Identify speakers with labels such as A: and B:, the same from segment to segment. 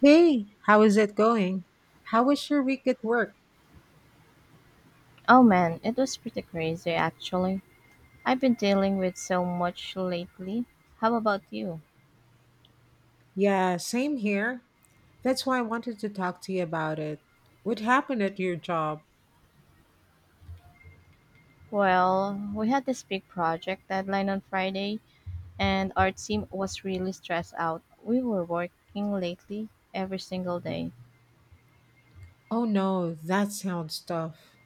A: Hey, how is it going? How was your week at work?
B: Oh man, it was pretty crazy actually. I've been dealing with so much lately. How about you?
A: Yeah, same here. That's why I wanted to talk to you about it. What happened at your job?
B: Well, we had this big project deadline on Friday, and our team was really stressed out. We were working lately every single day.
A: Oh no, that sounds tough.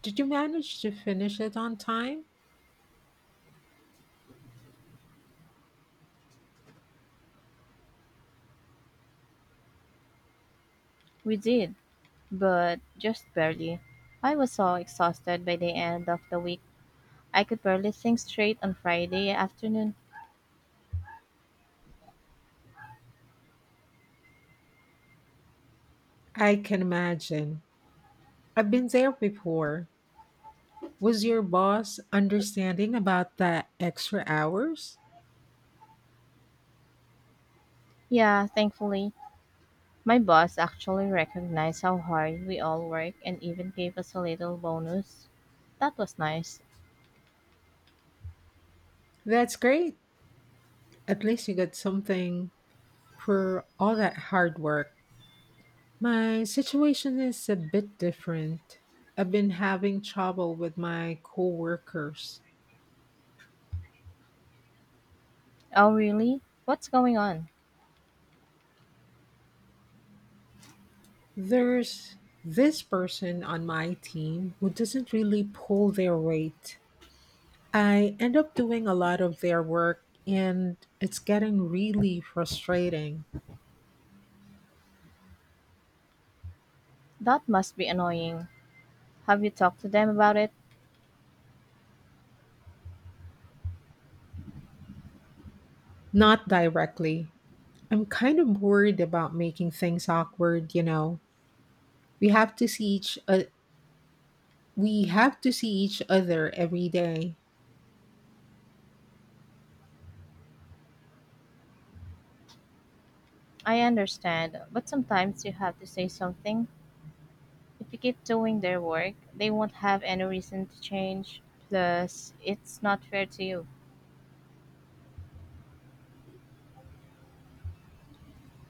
A: Did you manage to finish it on time?
B: We did, but just barely. I was so exhausted by the end of the week. I could barely think straight on Friday afternoon.
A: I can imagine. I've been there before. Was your boss understanding about the extra hours?
B: Yeah, thankfully, my boss actually recognized how hard we all work and even gave us a little bonus. That was nice.
A: That's great. At least you got something for all that hard work. My situation is a bit different. I've been having trouble with my coworkers.
B: Oh, really? What's going on?
A: There's this person on my team who doesn't really pull their weight. I end up doing a lot of their work and it's getting really frustrating.
B: That must be annoying. Have you talked to them about it?
A: Not directly. I'm kind of worried about making things awkward, you know. We have to see each uh, we have to see each other every day.
B: I understand, but sometimes you have to say something. If you keep doing their work, they won't have any reason to change. Plus, it's not fair to you.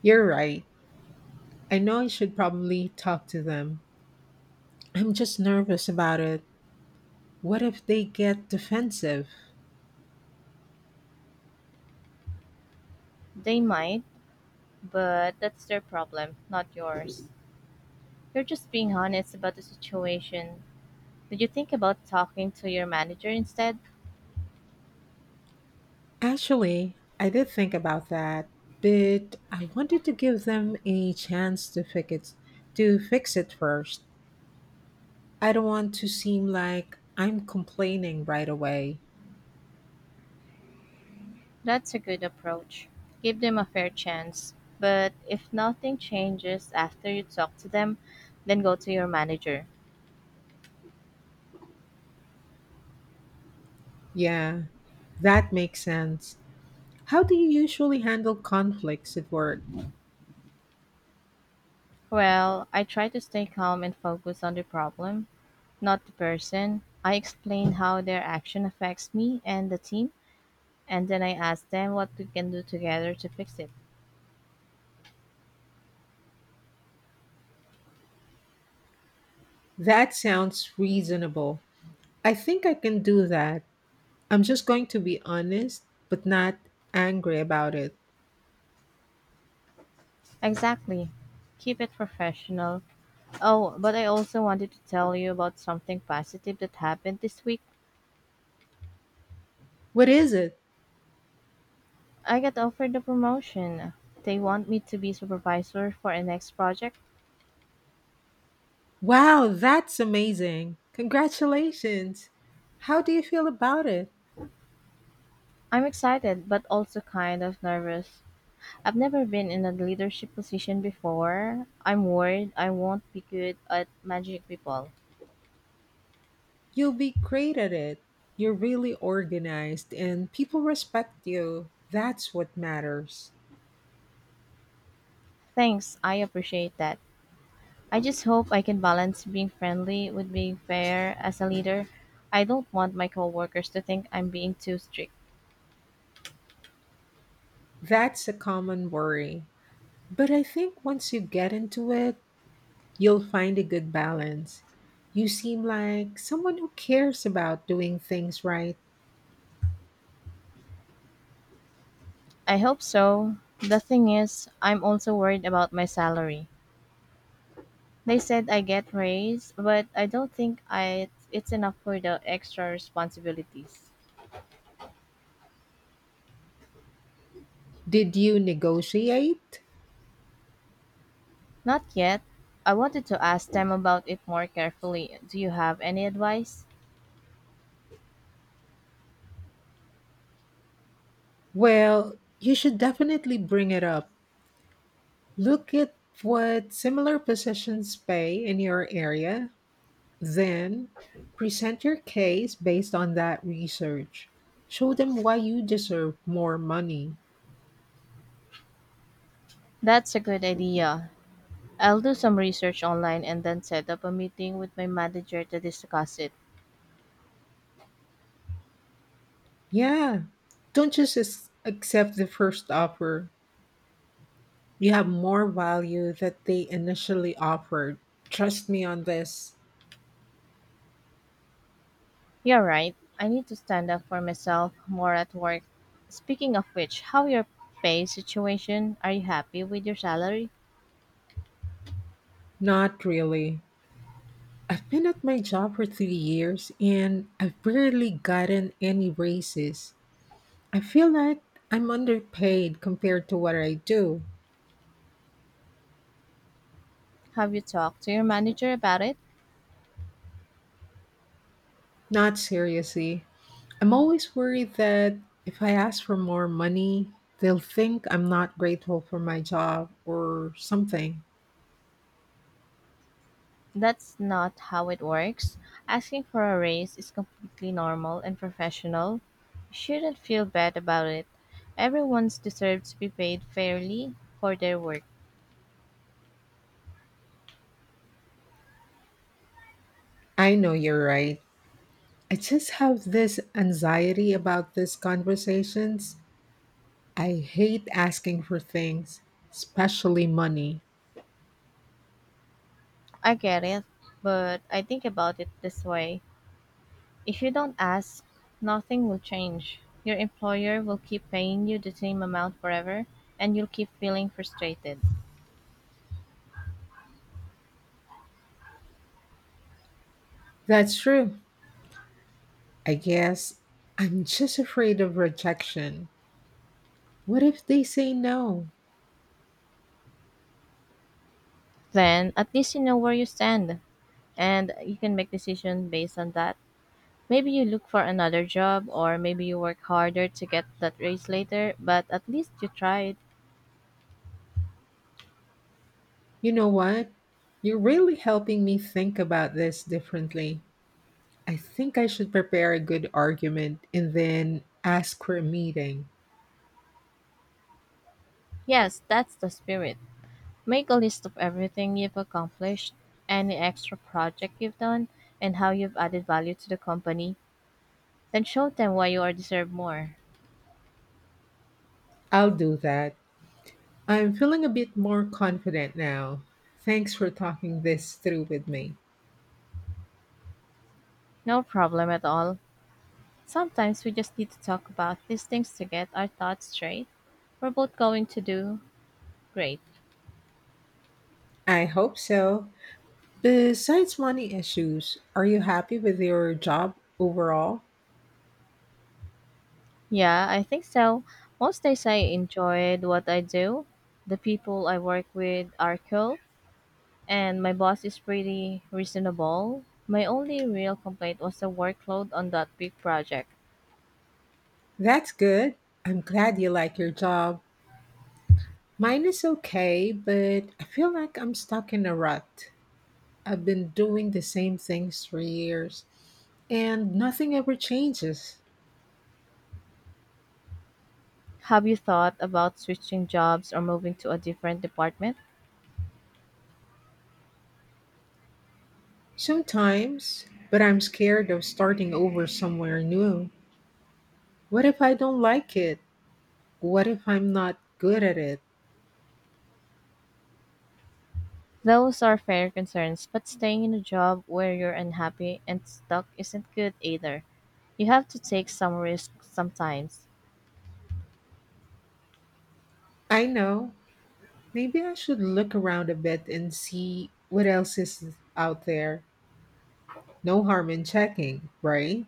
A: You're right. I know I should probably talk to them. I'm just nervous about it. What if they get defensive?
B: They might, but that's their problem, not yours. You're just being honest about the situation. Did you think about talking to your manager instead?
A: Actually, I did think about that, but I wanted to give them a chance to fix it, first. I don't want to seem like I'm complaining right away.
B: That's a good approach. Give them a fair chance. But if nothing changes after you talk to them, then go to your manager.
A: Yeah, that makes sense. How do you usually handle conflicts at work?
B: Well, I try to stay calm and focus on the problem, not the person. I explain how their action affects me and the team, and then I ask them what we can do together to fix it.
A: That sounds reasonable. I think I can do that. I'm just going to be honest, but not angry about it.
B: Exactly. Keep it professional. Oh, but I also wanted to tell you about something positive that happened this week.
A: What is it?
B: I got offered the promotion. They want me to be supervisor for a next project.
A: Wow, that's amazing. Congratulations. How do you feel about it?
B: I'm excited but also kind of nervous. I've never been in a leadership position before. I'm worried I won't be good at managing people.
A: You'll be great at it. You're really organized and people respect you. That's what matters.
B: Thanks, I appreciate that. I just hope I can balance being friendly with being fair as a leader. I don't want my coworkers to think I'm being too strict.
A: That's a common worry. But I think once you get into it, you'll find a good balance. You seem like someone who cares about doing things right.
B: I hope so. The thing is, I'm also worried about my salary. They said I get raise, but I don't think I it's enough for the extra responsibilities.
A: Did you negotiate?
B: Not yet. I wanted to ask them about it more carefully. Do you have any advice?
A: Well, you should definitely bring it up. Look at what similar positions pay in your area, then present your case based on that research. Show them why you deserve more money.
B: That's a good idea. I'll do some research online and then set up a meeting with my manager to discuss it.
A: Yeah, don't just as- accept the first offer. You have more value that they initially offered. Trust me on this.
B: You're right. I need to stand up for myself more at work. Speaking of which, how your pay situation? Are you happy with your salary?
A: Not really. I've been at my job for 3 years and I've barely gotten any raises. I feel like I'm underpaid compared to what I do.
B: Have you talked to your manager about it?
A: Not seriously. I'm always worried that if I ask for more money, they'll think I'm not grateful for my job or something.
B: That's not how it works. Asking for a raise is completely normal and professional. You shouldn't feel bad about it. Everyone's deserves to be paid fairly for their work.
A: I know you're right. I just have this anxiety about these conversations. I hate asking for things, especially money.
B: I get it, but I think about it this way. If you don't ask, nothing will change. Your employer will keep paying you the same amount forever, and you'll keep feeling frustrated.
A: That's true. I guess I'm just afraid of rejection. What if they say no?
B: Then, at least you know where you stand, and you can make decisions based on that. Maybe you look for another job, or maybe you work harder to get that raise later, but at least you tried.
A: You know what? You're really helping me think about this differently. I think I should prepare a good argument and then ask for a meeting.
B: Yes, that's the spirit. Make a list of everything you've accomplished, any extra project you've done, and how you've added value to the company. Then show them why you are deserve more.
A: I'll do that. I'm feeling a bit more confident now. Thanks for talking this through with me.
B: No problem at all. Sometimes we just need to talk about these things to get our thoughts straight. We're both going to do great.
A: I hope so. Besides money issues, are you happy with your job overall?
B: Yeah, I think so. Most days I enjoyed what I do. The people I work with are cool, and my boss is pretty reasonable. My only real complaint was the workload on that big project.
A: That's good. I'm glad you like your job. Mine is okay, but I feel like I'm stuck in a rut. I've been doing the same things for years and nothing ever changes.
B: Have you thought about switching jobs or moving to a different department?
A: Sometimes, but I'm scared of starting over somewhere new. What if I don't like it? What if I'm not good at it?
B: Those are fair concerns, but staying in a job where you're unhappy and stuck isn't good either. You have to take some risk sometimes.
A: I know. Maybe I should look around a bit and see what else is out there. No harm in checking, right?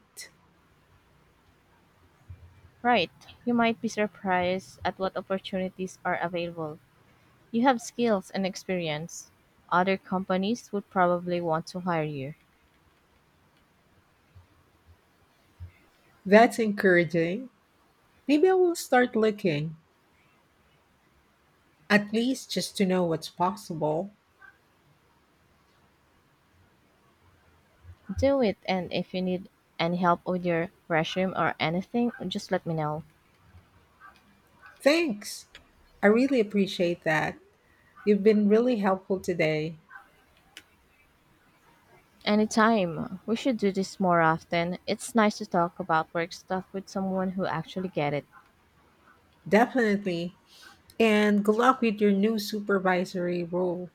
B: Right, you might be surprised at what opportunities are available. You have skills and experience. Other companies would probably want to hire you.
A: That's encouraging. Maybe I will start looking. At least just to know what's possible.
B: Do it, and if you need any help with your resume or anything, just let me know.
A: Thanks. I really appreciate that. You've been really helpful today.
B: Anytime. We should do this more often. It's nice to talk about work stuff with someone who actually get it.
A: Definitely. And good luck with your new supervisory role.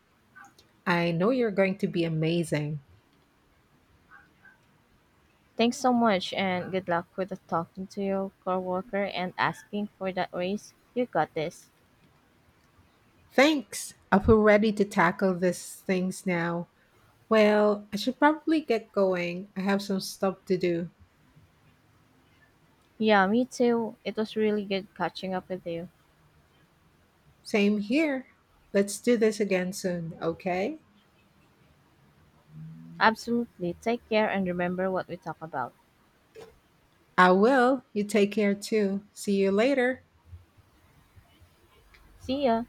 A: I know you're going to be amazing.
B: Thanks so much and good luck with the talking to your coworker and asking for that raise. You got this.
A: Thanks. I feel ready to tackle these things now. Well, I should probably get going. I have some stuff to do.
B: Yeah, me too. It was really good catching up with you.
A: Same here. Let's do this again soon, okay?
B: Absolutely. Take care and remember what we talk about.
A: I will. You take care too. See you later.
B: See ya.